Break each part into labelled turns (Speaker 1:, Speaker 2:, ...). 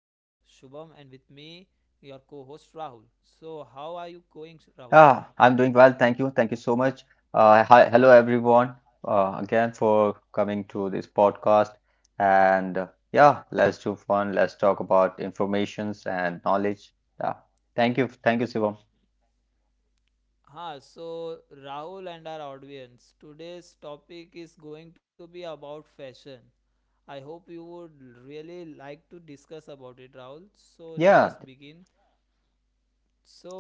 Speaker 1: your co host Rahul. So, how are you going, Rahul?
Speaker 2: I'm doing well. Thank you. Thank you so much. Hi, hello everyone. Again for coming to this podcast. And yeah, let's do fun. Let's talk about informations and knowledge. Yeah. Thank you. Thank you, Shivam.
Speaker 1: Ha, so Rahul and our audience, today's topic is going to be about fashion. I hope you would really like to discuss about it, Rahul. So,
Speaker 2: Yeah,
Speaker 1: let us begin.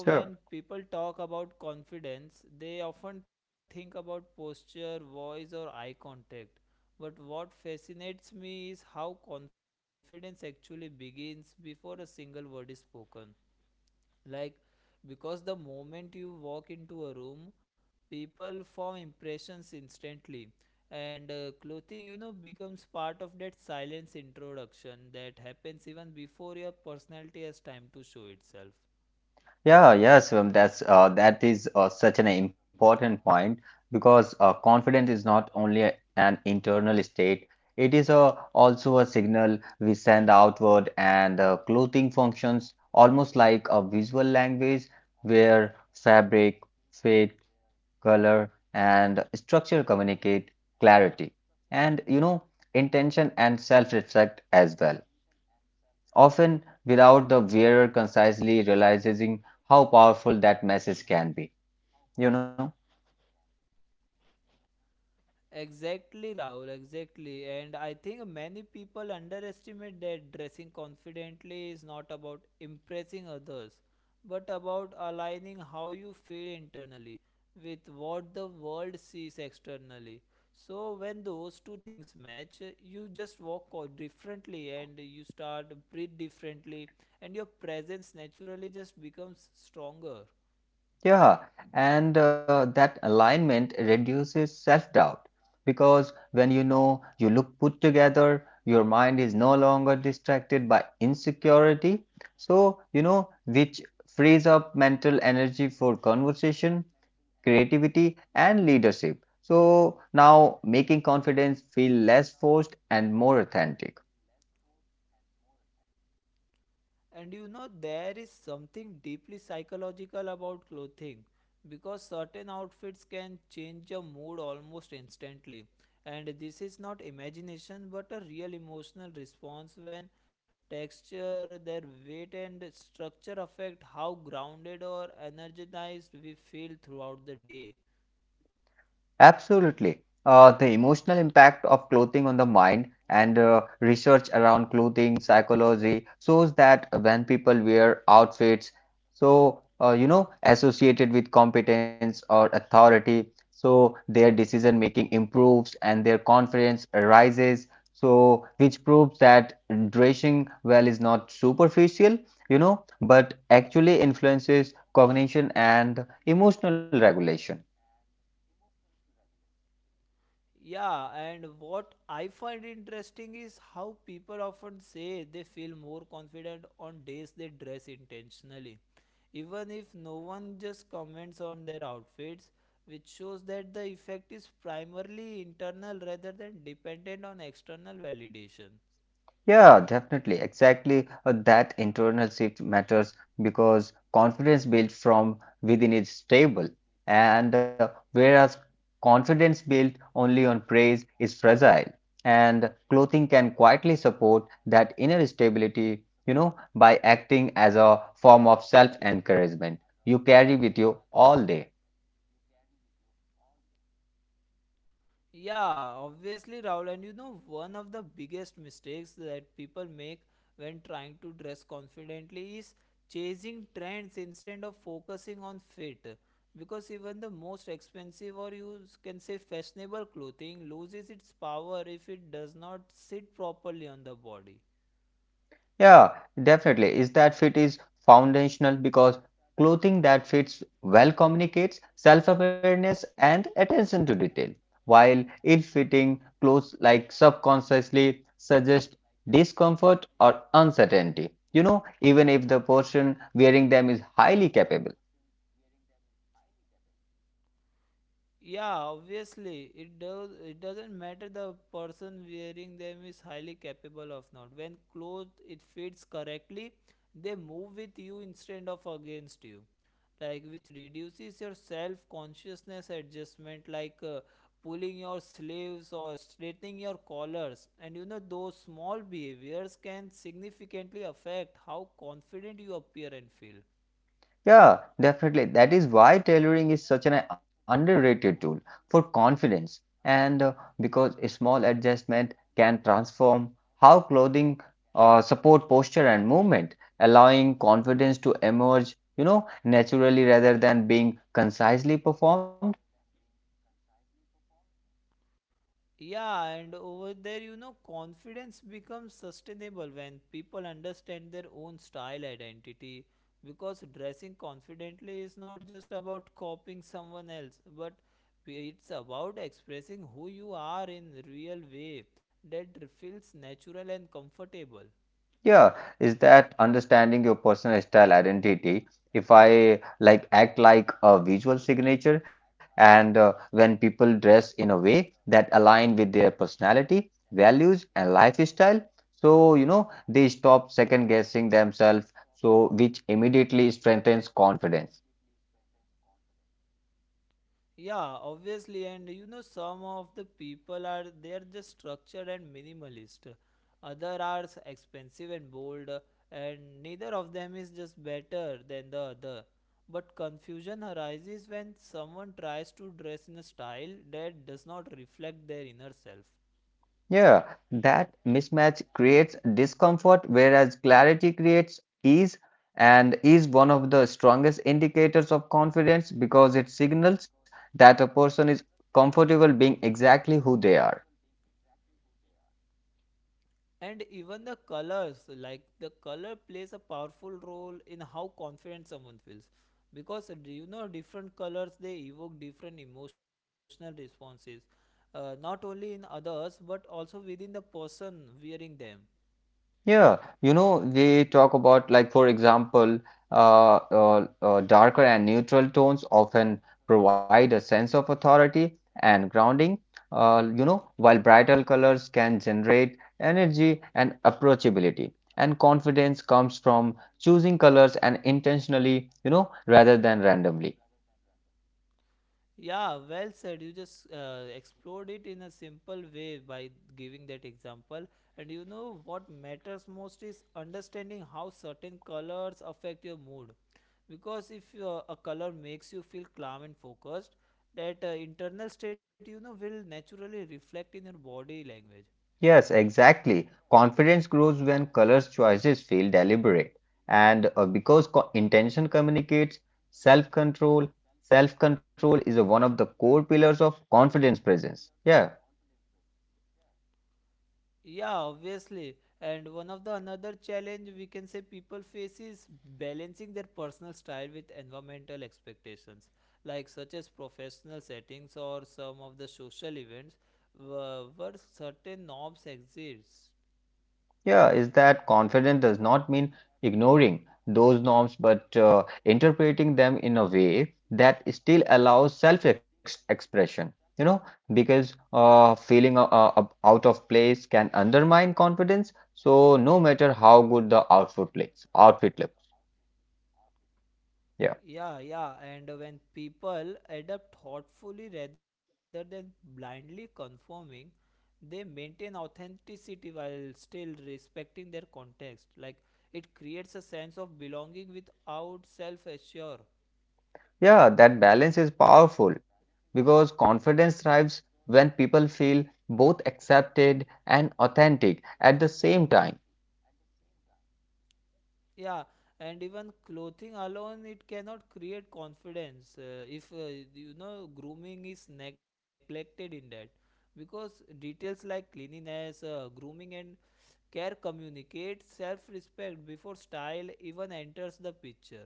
Speaker 2: sure.
Speaker 1: So, when people talk about confidence, they often think about posture, voice, or eye contact. But what fascinates me is how confidence actually begins before a single word is spoken. Like, because the moment you walk into a room, people form impressions instantly. And clothing, you know, becomes part of that silence introduction that happens even before your personality has time to show itself.
Speaker 2: Yeah, yes, that is such an important point because confidence is not only an internal state, it is a, also a signal we send outward, and clothing functions almost like a visual language where fabric, fit, color, and structure communicate clarity and intention and self-reflect as well often without the wearer concisely realizing how powerful that message can be. You know?
Speaker 1: Exactly, Rahul, exactly. And I think many people underestimate that dressing confidently is not about impressing others, but about aligning how you feel internally with what the world sees externally. So, when those two things match, you just differently and you start breathe differently, and your presence naturally just becomes stronger.
Speaker 2: Yeah. And that alignment reduces self-doubt because when you know you look put together, your mind is no longer distracted by insecurity. So, which frees up mental energy for conversation, creativity, and leadership. So now making confidence feel less forced and more authentic.
Speaker 1: And you know, there is something deeply psychological about clothing because certain outfits can change your mood almost instantly. And this is not imagination but a real emotional response when texture, their weight, and structure affect how grounded or energized we feel throughout the day.
Speaker 2: Absolutely. The emotional impact of clothing on the mind and research around clothing psychology shows that when people wear outfits, so associated with competence or authority, so their decision making improves and their confidence rises. So, which proves that dressing well is not superficial, you know, but actually influences cognition and emotional regulation.
Speaker 1: Yeah, and what I find interesting is how people often say they feel more confident on days they dress intentionally, even if no one just comments on their outfits, which shows that the effect is primarily internal rather than dependent on external validation.
Speaker 2: Yeah, definitely. Exactly. That internal shift matters because confidence built from within is stable. And whereas confidence built only on praise is fragile. And clothing can quietly support that inner stability, by acting as a form of self-encouragement you carry with you all day.
Speaker 1: Yeah, obviously, Raul. And you know, one of the biggest mistakes that people make when trying to dress confidently is chasing trends instead of focusing on fit. Because even the most expensive or can say fashionable clothing loses its power if it does not sit properly on the body.
Speaker 2: Yeah, definitely. Is that fit is foundational because clothing that fits well communicates self-awareness and attention to detail, while ill-fitting clothes like subconsciously suggest discomfort or uncertainty. You know, even if the person wearing them is highly capable.
Speaker 1: Yeah, obviously it does it doesn't matter the person wearing them is highly capable of not. When clothes it fits correctly, they move with you instead of against you. Like which reduces your self-consciousness adjustment like pulling your sleeves or straightening your collars. And you know those small behaviors can significantly affect how confident you appear and feel.
Speaker 2: Yeah, definitely. That is why tailoring is such an underrated tool for confidence, and because a small adjustment can transform how clothing support posture and movement, allowing confidence to emerge, naturally rather than being concisely performed.
Speaker 1: Yeah, and over there, you know, confidence becomes sustainable when people understand their own style identity because dressing confidently is not just about copying someone else, but it's about expressing who you are in real way that feels natural and comfortable.
Speaker 2: Yeah, is that understanding your personal style identity? If I like act like a visual signature, and when people dress in a way that align with their personality, values, and lifestyle, so you know they stop second guessing themselves, so which immediately strengthens confidence.
Speaker 1: Yeah, obviously, and you know, some of the people are they are just structured and minimalist. Other are expensive and bold, and neither of them is just better than the other. But confusion arises when someone tries to dress in a style that does not reflect their inner self.
Speaker 2: Yeah, that mismatch creates discomfort, whereas clarity creates ease, and is one of the strongest indicators of confidence because it signals that a person is comfortable being exactly who they are.
Speaker 1: And even the colors like the color plays a powerful role in how confident someone feels because, do you know different colors they evoke different emotional responses, not only in others but also within the person wearing them.
Speaker 2: Yeah, you know, they talk about, like, for example, darker and neutral tones often provide a sense of authority and grounding, while brighter colors can generate energy and approachability. And confidence comes from choosing colors and intentionally, rather than randomly.
Speaker 1: Yeah, well said. You just explored it in a simple way by giving that example. And you know what matters most is understanding how certain colors affect your mood, because if a color makes you feel calm and focused, that internal state, you know, will naturally reflect in your body language.
Speaker 2: Yes, exactly. Confidence grows when colors choices feel deliberate. And because co- intention communicates self control, self control is a, one of the core pillars of confidence presence. Yeah.
Speaker 1: Yeah, obviously, and one of the another challenge we can say people face is balancing their personal style with environmental expectations, like such as professional settings or some of the social events where certain norms exist.
Speaker 2: Yeah, is that confident does not mean ignoring those norms, but interpreting them in a way that still allows self-expression. You know, because feeling out of place can undermine confidence. So no matter how good the outfit looks, yeah,
Speaker 1: Yeah, and when people adapt thoughtfully rather than blindly conforming, they maintain authenticity while still respecting their context. Like it creates a sense of belonging without self-assure.
Speaker 2: yeah, that balance is powerful because confidence thrives when people feel both accepted and authentic at the same time.
Speaker 1: Yeah, and even clothing alone it cannot create confidence if you know grooming is neglected in that, because details like cleanliness, grooming, and care communicates self respect before style even enters the picture.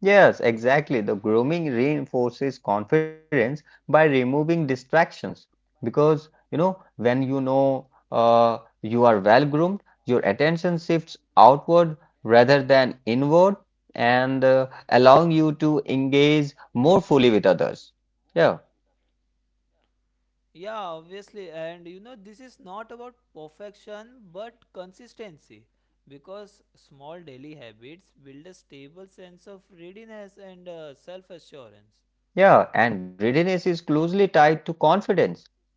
Speaker 2: Yes, exactly. The grooming reinforces confidence by removing distractions because you know when you know you are well groomed, your attention shifts outward rather than inward and allowing you to engage more fully with others. Yeah,
Speaker 1: Yeah, obviously, and you know, this is not about perfection but consistency, because small daily habits build a stable sense of readiness and self assurance.
Speaker 2: yeah, and readiness is closely tied to confidence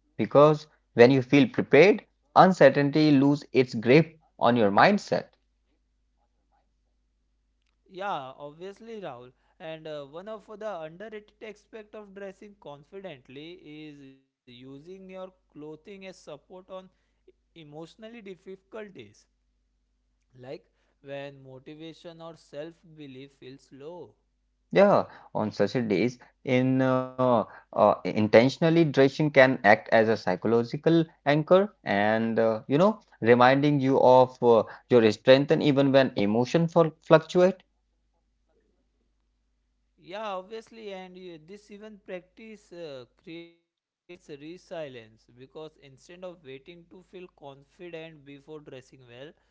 Speaker 2: because when you feel prepared, uncertainty loses its grip on your mindset.
Speaker 1: Yeah, obviously, Rahul. And one of the underrated aspect of dressing confidently is using your clothing as support on emotionally difficult days, like when motivation or self belief feels low.
Speaker 2: Yeah, on such a days, in intentionally dressing can act as a psychological anchor, and you know, reminding you of your strength, and even when emotion fl fluctuate.
Speaker 1: Yeah, obviously, and you, this even practice creates resilience, because instead of waiting to feel confident before dressing well,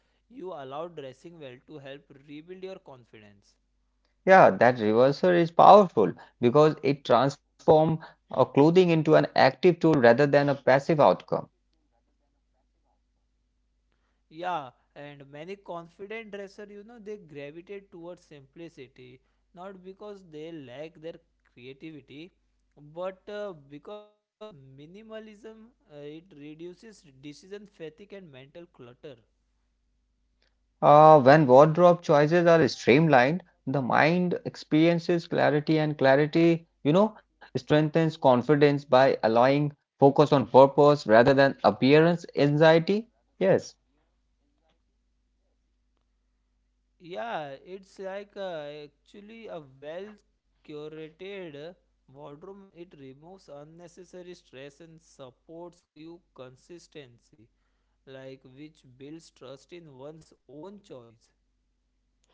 Speaker 1: you allow dressing well to help rebuild your confidence.
Speaker 2: Yeah, that reversal is powerful because it transforms clothing into an active tool rather than a passive outcome.
Speaker 1: Yeah, and many confident dresser, you know, they gravitate towards simplicity, not because they lack their creativity, but because minimalism it reduces decision fatigue and mental clutter.
Speaker 2: When wardrobe choices are streamlined, the mind experiences clarity, and clarity, strengthens confidence by allowing focus on purpose rather than appearance anxiety. Yes,
Speaker 1: Yeah, it's like actually a well curated wardrobe. It removes unnecessary stress and supports you consistency, like which builds trust in one's own choice.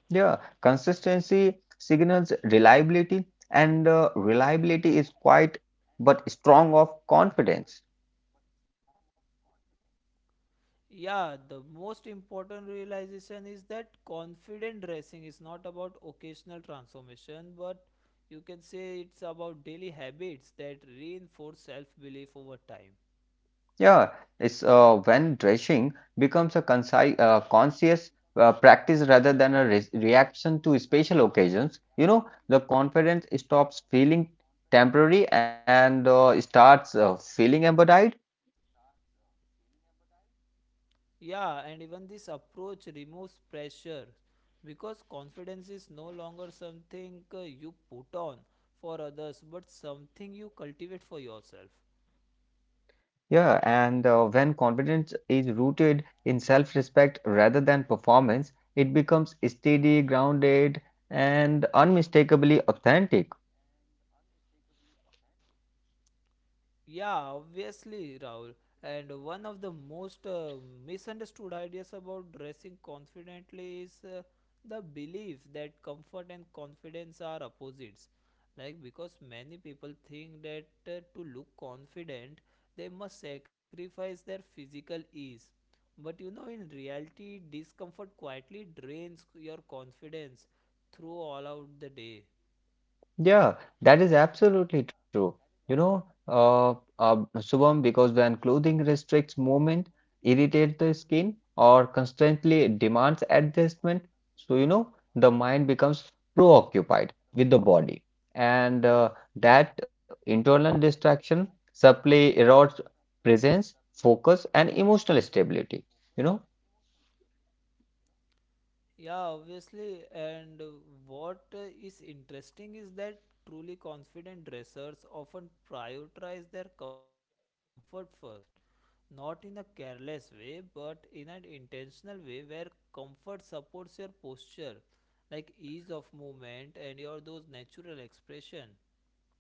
Speaker 2: yeah, consistency signals reliability, and reliability is quite but strong of confidence.
Speaker 1: Yeah, the most important realization is that confident dressing is not about occasional transformation, but you can say it's about daily habits that reinforce self belief over time.
Speaker 2: Yeah, it's when dressing becomes a conci conscious practice rather than a re reaction to special occasions. You know, the confidence stops feeling temporary and starts feeling embodied.
Speaker 1: Yeah, and even this approach removes pressure because confidence is no longer something you put on for others but something you cultivate for yourself.
Speaker 2: Yeah, and when confidence is rooted in self-respect rather than performance, it becomes steady, grounded, and unmistakably authentic.
Speaker 1: Yeah, obviously, Rahul. And one of the most misunderstood ideas about dressing confidently is the belief that comfort and confidence are opposites. Like, because many people think that to look confident, they must sacrifice their physical ease. But you know, in reality, discomfort quietly drains your confidence through all out the day.
Speaker 2: Yeah, that is absolutely true. You know, Shubham, because when clothing restricts movement, irritates the skin, or constantly demands adjustment, so you know, the mind becomes preoccupied with the body. And that internal distraction subtly erodes presence, focus, and emotional stability. You know,
Speaker 1: Yeah, obviously. And what is interesting is that truly confident dressers often prioritize their comfort first, not in a careless way, but in an intentional way where comfort supports your posture, like ease of movement and your those natural expression.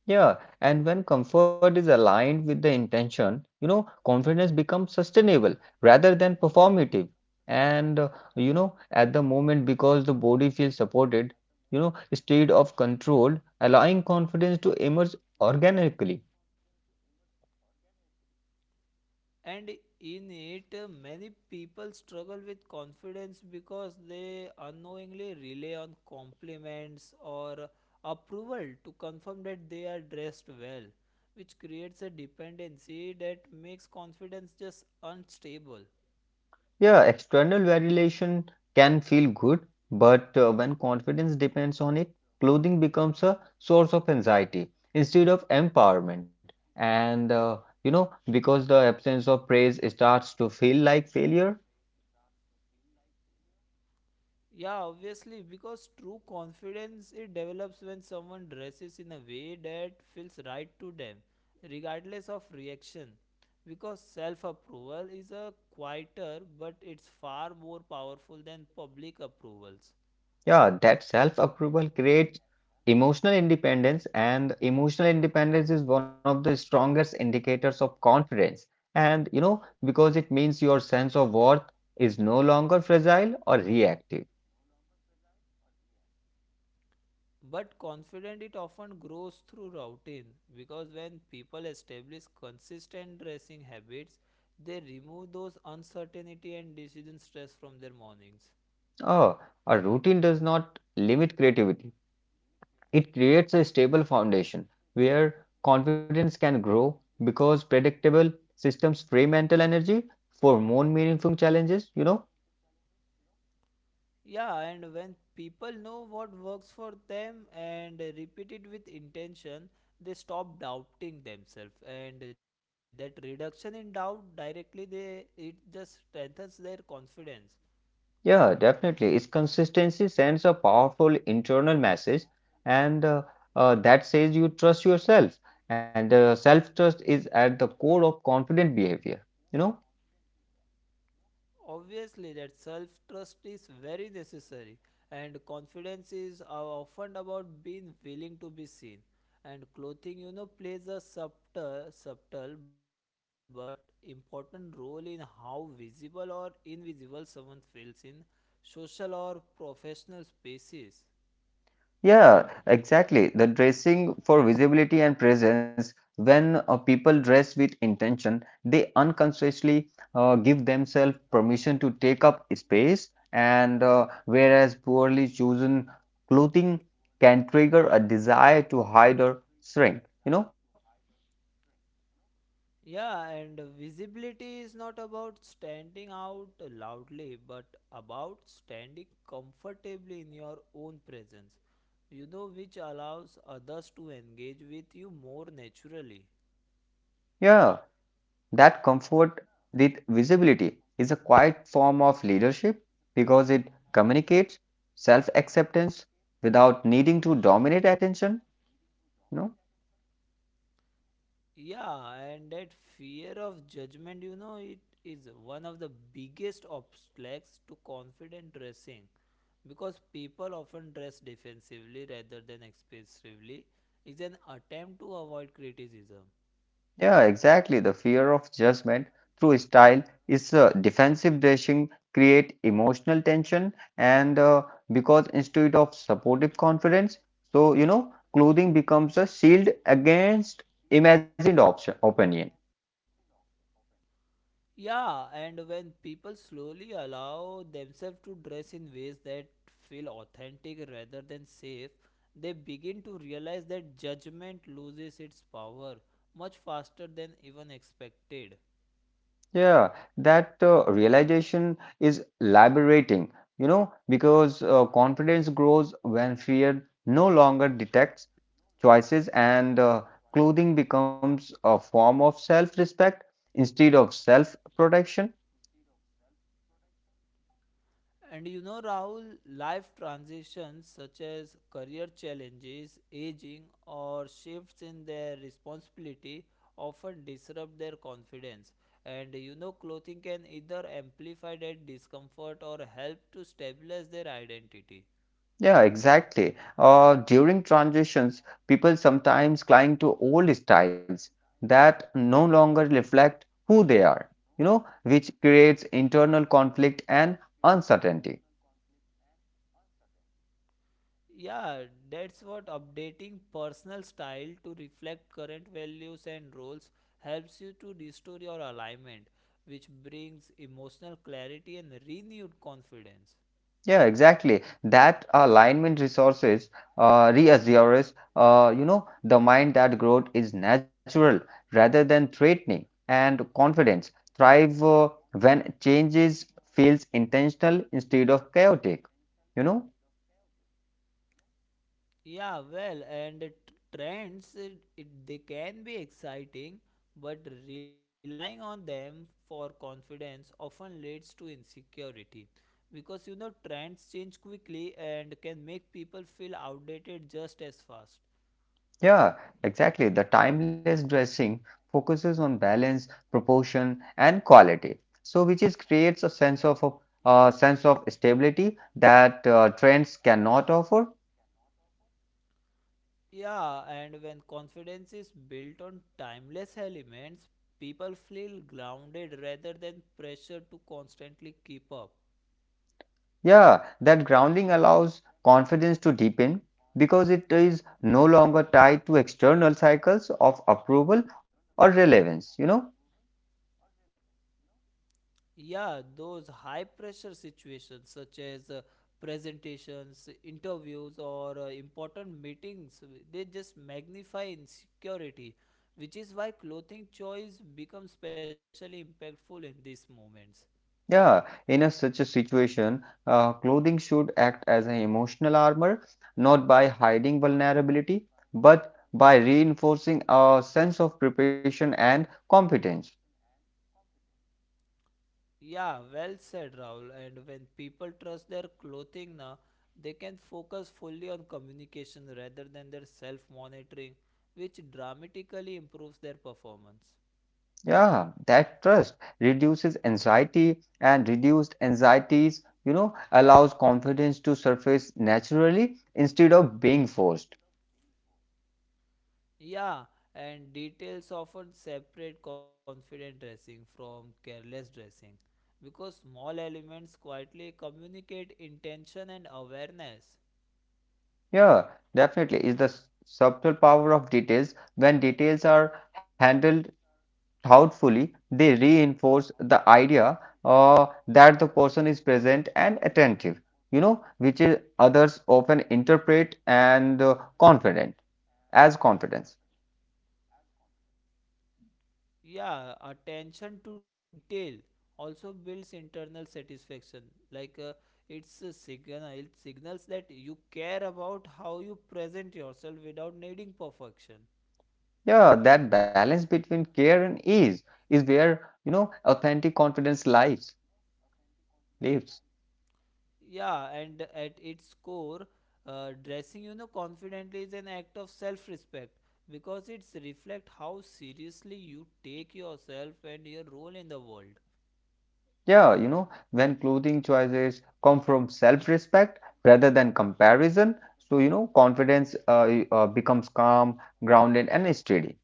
Speaker 2: yeah, and when comfort is aligned with the intention, you know, confidence becomes sustainable rather than performative. And you know, at the moment, because the body feels supported, you know, state of control, allowing confidence to emerge organically.
Speaker 1: And in it many people struggle with confidence because they unknowingly rely on compliments or approval to confirm that they are dressed well, which creates a dependency that makes confidence just unstable.
Speaker 2: Yeah, external validation can feel good, but when confidence depends on it, clothing becomes a source of anxiety instead of empowerment. And you know, because the absence of praise starts to feel like failure,
Speaker 1: Yeah, obviously, because true confidence it develops when someone dresses in a way that feels right to them, regardless of reaction. Because self approval is a quieter but it's far more powerful than public approvals.
Speaker 2: yeah, that self-approval creates emotional independence, and emotional independence is one of the strongest indicators of confidence. And you know, because it means your sense of worth is no longer fragile or reactive.
Speaker 1: But confident it often grows through routine, because when people establish consistent dressing habits, they remove those uncertainty and decision stress from their mornings.
Speaker 2: Oh, a routine does not limit creativity. It creates a stable foundation where confidence can grow because predictable systems free mental energy for more meaningful challenges, you know?
Speaker 1: Yeah, and when people know what works for them and repeat it with intention, they stop doubting themselves. And that reduction in doubt directly, they it just strengthens their confidence.
Speaker 2: Yeah, definitely. Its consistency sends a powerful internal message and that says you trust yourself. And self-trust is at the core of confident behavior, you know?
Speaker 1: Obviously, that self trust is very necessary, and confidence is often about being willing to be seen. And clothing, you know, plays a subtle but important role in how visible or invisible someone feels in social or professional spaces.
Speaker 2: Yeah, exactly. The dressing for visibility and presence, when people dress with intention, they unconsciously give themselves permission to take up space, and whereas poorly chosen clothing can trigger a desire to hide or shrink. You know,
Speaker 1: Yeah, and visibility is not about standing out loudly, but about standing comfortably in your own presence, you know, which allows others to engage with you more naturally.
Speaker 2: yeah, that comfort with visibility is a quiet form of leadership because it communicates self-acceptance without needing to dominate attention. No?
Speaker 1: Yeah, and that fear of judgment, you know, it is one of the biggest obstacles to confident dressing, because people often dress defensively rather than expressively, it's an attempt to avoid criticism.
Speaker 2: Yeah, exactly. The fear of judgment through style is defensive dressing create emotional tension and because instead of supportive confidence, so you know, clothing becomes a shield against imagined option, opinion.
Speaker 1: Yeah, and when people slowly allow themselves to dress in ways that feel authentic rather than safe, they begin to realize that judgment loses its power much faster than even expected.
Speaker 2: Yeah, that realization is liberating, you know, because confidence grows when fear no longer detects choices and clothing becomes a form of self-respect instead of self-protection.
Speaker 1: And you know, Rahul, life transitions such as career challenges, aging, or shifts in their responsibility often disrupt their confidence. And you know, clothing can either amplify that discomfort or help to stabilize their identity.
Speaker 2: Yeah, exactly. During transitions, people sometimes cling to old styles that no longer reflect who they are, you know, which creates internal conflict and uncertainty.
Speaker 1: Yeah, that's what updating personal style to reflect current values and roles helps you to restore your alignment, which brings emotional clarity and renewed confidence.
Speaker 2: Yeah, exactly. That alignment resources reassures, you know, the mind that growth is natural rather than threatening, and confidence thrive when changes feels intentional instead of chaotic. You know?
Speaker 1: Yeah, well, and the trends they can be exciting, but relying on them for confidence often leads to insecurity because you know trends change quickly and can make people feel outdated just as fast.
Speaker 2: Yeah, exactly. The timeless dressing focuses on balance, proportion, and quality. So, which is creates a sense of stability that trends cannot offer.
Speaker 1: Yeah, and when confidence is built on timeless elements, people feel grounded rather than pressure to constantly keep up.
Speaker 2: Yeah, that grounding allows confidence to deepen because it is no longer tied to external cycles of approval or relevance, you know?
Speaker 1: Yeah, those high pressure situations, such as presentations, interviews, or important meetings, they just magnify insecurity, which is why clothing choice becomes especially impactful in these moments.
Speaker 2: Yeah, in a, such a situation, clothing should act as an emotional armor, not by hiding vulnerability, but by reinforcing a sense of preparation and competence.
Speaker 1: Yeah, well said, Rahul. And when people trust their clothing now, they can focus fully on communication rather than their self monitoring, which dramatically improves their performance.
Speaker 2: Yeah, that trust reduces anxiety and reduced anxieties, you know, allows confidence to surface naturally instead of being forced.
Speaker 1: Yeah, and details often separate confident dressing from careless dressing because small elements quietly communicate intention and awareness.
Speaker 2: Yeah, definitely is the subtle power of details. When details are handled thoughtfully, they reinforce the idea that the person is present and attentive, you know, which is others often interpret and confident as confidence.
Speaker 1: Yeah, attention to detail also builds internal satisfaction. Like it signals that you care about how you present yourself without needing perfection.
Speaker 2: Yeah, that balance between care and ease is where, you know, authentic confidence lives.
Speaker 1: Yeah, and at its core, dressing you know confidently is an act of self-respect because it's reflect how seriously you take yourself and your role in the world.
Speaker 2: Yeah, you know, when clothing choices come from self-respect rather than comparison, so you know, confidence becomes calm, grounded, and steady.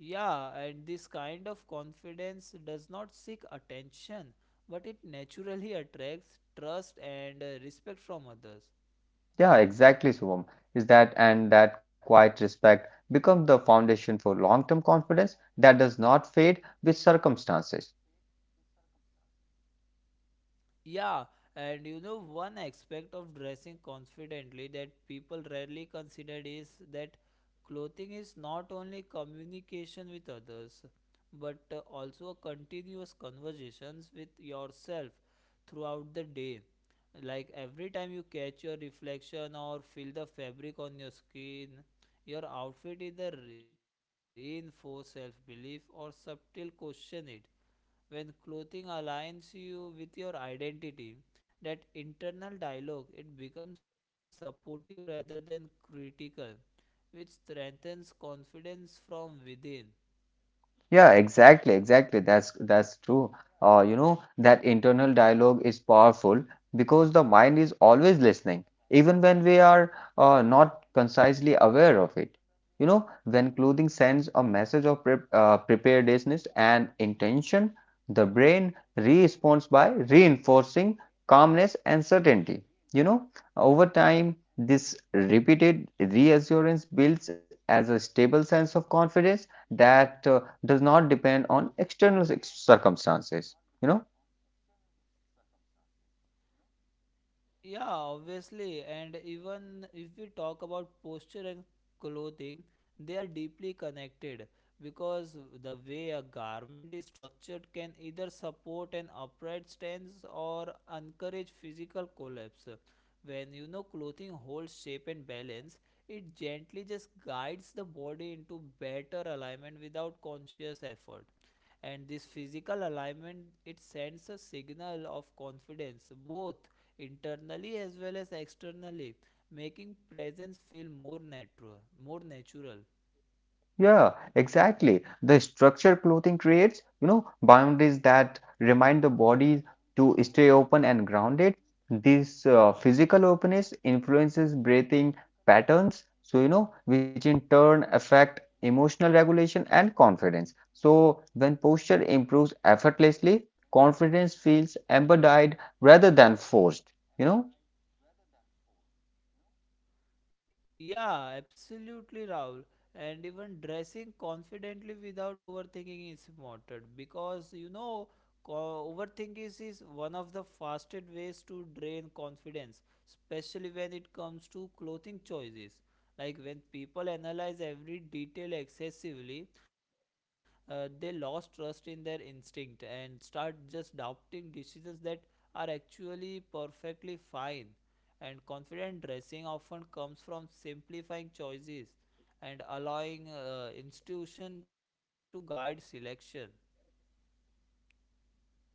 Speaker 1: Yeah, and this kind of confidence does not seek attention, but it naturally attracts trust and respect from others.
Speaker 2: Yeah, exactly, Shubham. Is that and that quiet respect becomes the foundation for long-term confidence that does not fade with circumstances.
Speaker 1: Yeah, and you know, one aspect of dressing confidently that people rarely consider is that clothing is not only communication with others, but also a continuous conversations with yourself throughout the day. Like every time you catch your reflection or feel the fabric on your skin, your outfit either reinforce self-belief or subtle question it when clothing aligns you with your identity, that internal dialogue it becomes supportive rather than critical, which strengthens confidence from within.
Speaker 2: Yeah, exactly. That's true. You know, that internal dialogue is powerful because the mind is always listening, even when we are not concisely aware of it. You know, when clothing sends a message of preparedness and intention, the brain responds by reinforcing calmness and certainty. You know, over time, this repeated reassurance builds as a stable sense of confidence that does not depend on external circumstances, you know.
Speaker 1: Yeah, obviously. And even if we talk about posture and clothing, they are deeply connected because the way a garment is structured can either support an upright stance or encourage physical collapse. When you know clothing holds shape and balance, it gently just guides the body into better alignment without conscious effort, and this physical alignment it sends a signal of confidence both internally as well as externally, making presence feel more natural.
Speaker 2: Yeah, exactly, the structure clothing creates, you know, boundaries that remind the body to stay open and grounded. This physical openness influences breathing patterns, so you know, which in turn affect emotional regulation and confidence. So when posture improves effortlessly, confidence feels embodied rather than forced, you know.
Speaker 1: Yeah, absolutely, Rahul. And even dressing confidently without overthinking is important because you know, overthinking is one of the fastest ways to drain confidence, especially when it comes to clothing choices. Like when people analyze every detail excessively, they lost trust in their instinct and start just doubting decisions that are actually perfectly fine. And confident dressing often comes from simplifying choices and allowing institution to guide selection.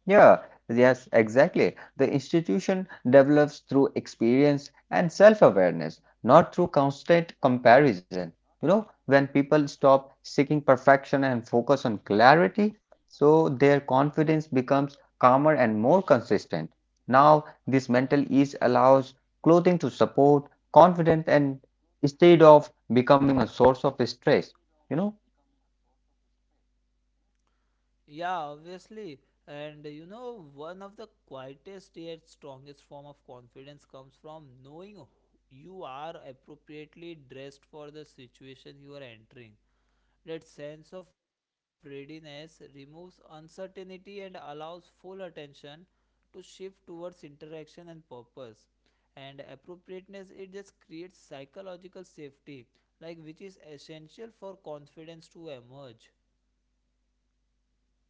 Speaker 2: Yeah, yes, exactly. The institution develops through experience and self-awareness, not through constant comparison. You know, when people stop seeking perfection and focus on clarity, so their confidence becomes calmer and more consistent. Now, this mental ease allows clothing to support confidence and instead of becoming a source of stress, you know?
Speaker 1: Yeah, obviously. And you know, one of the quietest yet strongest form of confidence comes from knowing who you are appropriately dressed for the situation you are entering. That sense of readiness removes uncertainty and allows full attention to shift towards interaction and purpose. And appropriateness it just creates psychological safety, like which is essential for confidence to emerge.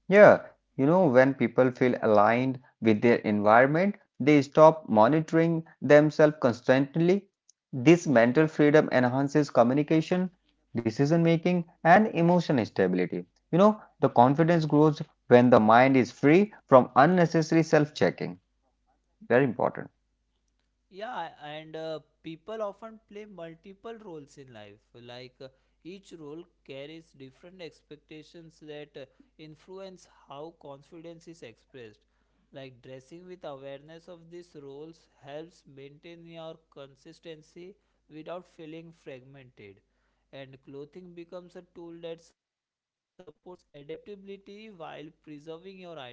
Speaker 2: Yeah, you know, when people feel aligned with their environment, they stop monitoring themselves constantly. This mental freedom enhances communication, decision making, and emotional stability. You know, the confidence grows when the mind is free from unnecessary self checking. Very important.
Speaker 1: Yeah, and people often play multiple roles in life. Like, each role carries different expectations that influence how confidence is expressed. Like dressing with awareness of these roles helps maintain your consistency without feeling fragmented. And clothing becomes a tool that supports adaptability while preserving your identity.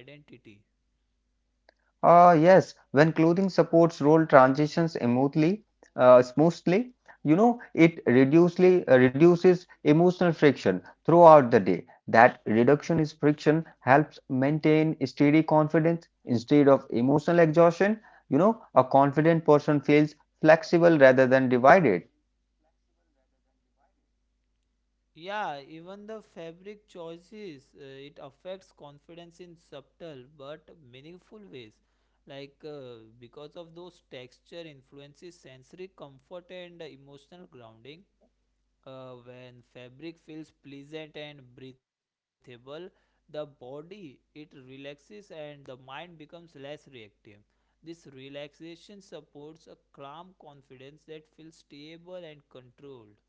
Speaker 2: Yes, when clothing supports role transitions smoothly, you know, it reduces emotional friction throughout the day. That reduction is friction helps maintain steady confidence instead of emotional exhaustion. You know, a confident person feels flexible rather than divided.
Speaker 1: Yeah, even the fabric choices, it affects confidence in subtle but meaningful ways. Like, because of those texture influences sensory comfort and emotional grounding. When fabric feels pleasant and breathable, the body it relaxes and the mind becomes less reactive. This relaxation supports a calm confidence that feels stable and controlled.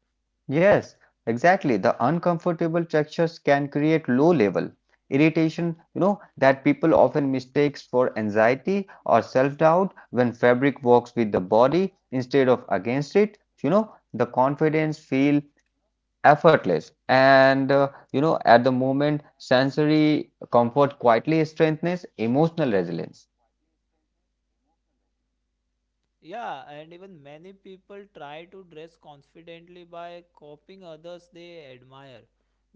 Speaker 2: Yes, exactly. The uncomfortable textures can create low level irritation, you know, that people often mistakes for anxiety or self-doubt when fabric works with the body instead of against it. You know, the confidence feel effortless and you know at the moment sensory comfort quietly strengthens emotional resilience.
Speaker 1: Yeah, and even many people try to dress confidently by copying others they admire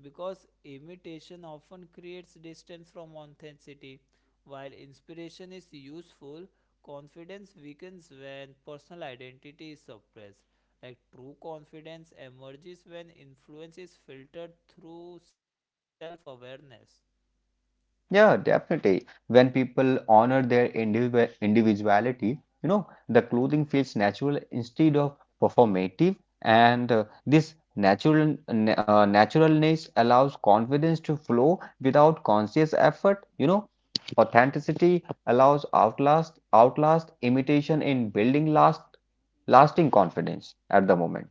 Speaker 1: because imitation often creates distance from authenticity. While inspiration is useful, confidence weakens when personal identity is suppressed. Like true confidence emerges when influence is filtered through self awareness.
Speaker 2: Yeah, definitely. When people honor their individuality, you know, the clothing feels natural instead of performative, and this naturalness allows confidence to flow without conscious effort. You know, authenticity allows outlast imitation in building lasting confidence at the moment.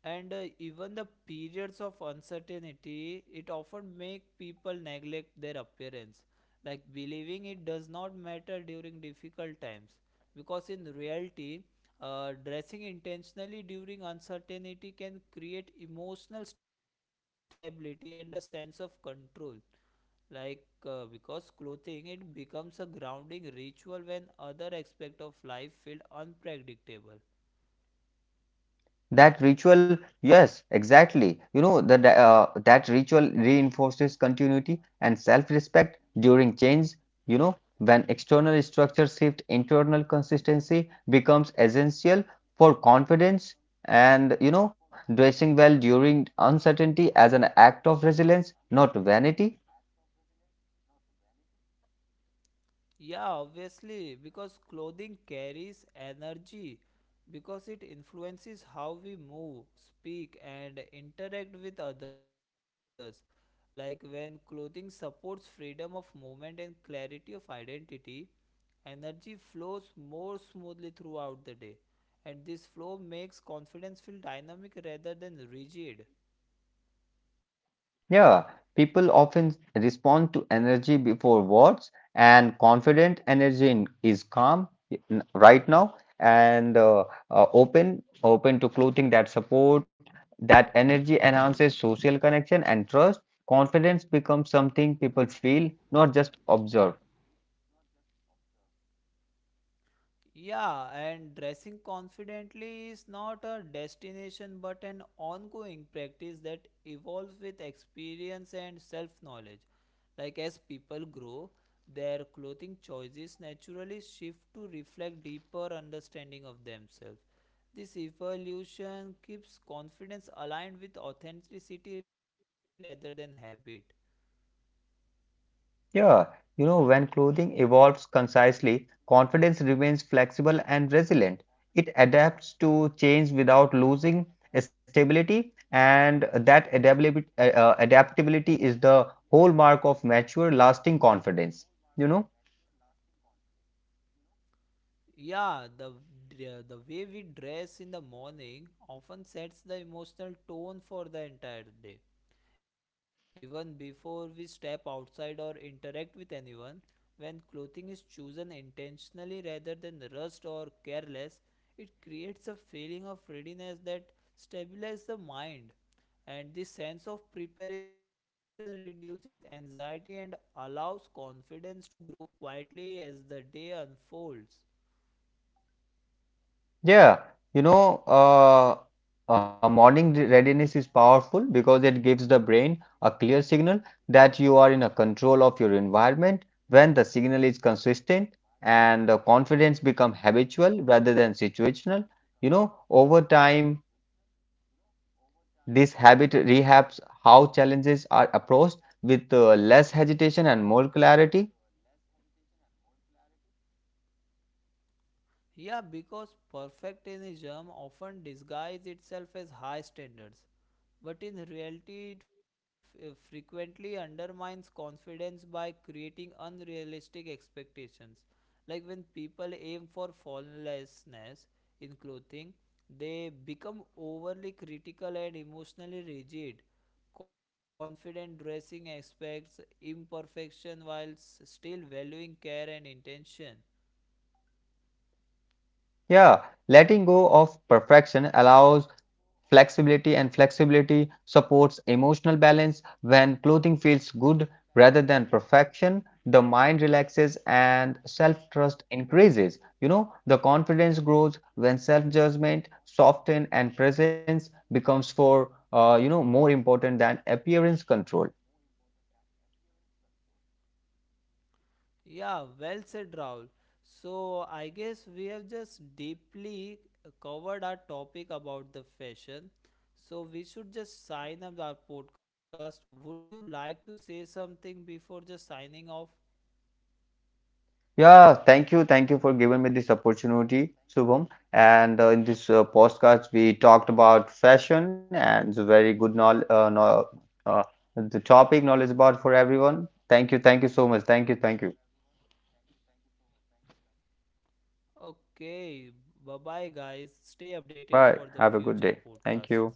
Speaker 1: And even the periods of uncertainty it often make people neglect their appearance, like believing it does not matter during difficult times, because in reality, dressing intentionally during uncertainty can create emotional stability and a sense of control, like, because clothing it becomes a grounding ritual when other aspect of life feel unpredictable.
Speaker 2: That ritual, yes, exactly. You know, that ritual reinforces continuity and self-respect during change. You know, when external structures shift, internal consistency becomes essential for confidence. And you know, dressing well during uncertainty as an act of resilience, not vanity.
Speaker 1: Yeah, obviously, because clothing carries energy, because it influences how we move, speak, and interact with others. Like when clothing supports freedom of movement and clarity of identity, energy flows more smoothly throughout the day. And this flow makes confidence feel dynamic rather than rigid.
Speaker 2: Yeah, people often respond to energy before words, and confident energy is calm right now and open to clothing that support. That energy enhances social connection and trust. Confidence becomes something people feel, not just observe.
Speaker 1: Yeah, and dressing confidently is not a destination but an ongoing practice that evolves with experience and self knowledge. Like, as people grow, their clothing choices naturally shift to reflect deeper understanding of themselves. This evolution keeps confidence aligned with authenticity rather than habit.
Speaker 2: Yeah, you know, when clothing evolves concisely, confidence remains flexible and resilient. It adapts to change without losing stability, and that adaptability, adaptability is the hallmark of mature, lasting confidence. You know?
Speaker 1: Yeah, the way we dress in the morning often sets the emotional tone for the entire day. Even before we step outside or interact with anyone, when clothing is chosen intentionally rather than rushed or careless, it creates a feeling of readiness that stabilizes the mind. And this sense of preparation reduces anxiety and allows confidence to grow quietly as the day unfolds.
Speaker 2: Yeah, you know, morning readiness is powerful because it gives the brain a clear signal that you are in a control of your environment. When the signal is consistent and the confidence become habitual rather than situational, you know, over time, this habit rehabs how challenges are approached with less hesitation and more clarity.
Speaker 1: Yeah, because perfectionism often disguises itself as high standards, but in reality, it frequently undermines confidence by creating unrealistic expectations. Like when people aim for flawlessness in clothing, they become overly critical and emotionally rigid. Confident dressing expects imperfection while still valuing care and intention.
Speaker 2: Yeah, letting go of perfection allows flexibility, and flexibility supports emotional balance. When clothing feels good rather than perfection, the mind relaxes and self trust increases. You know, the confidence grows when self judgment softens and presence becomes for you know more important than appearance control.
Speaker 1: Yeah, well said, Rahul. So, I guess we have just deeply covered our topic about the fashion. So, we should just sign up our podcast. Would you like to say something before just signing off?
Speaker 2: Yeah, thank you. Thank you for giving me this opportunity, Shubham. And in this podcast, we talked about fashion and it's a very good knowl know uh, the topic knowledge about for everyone. Thank you. Thank you so much. Thank you. Thank you.
Speaker 1: Okay, bye bye, guys. Stay updated for the
Speaker 2: Bye.
Speaker 1: future
Speaker 2: Have a good day.
Speaker 1: podcasts.
Speaker 2: Thank you.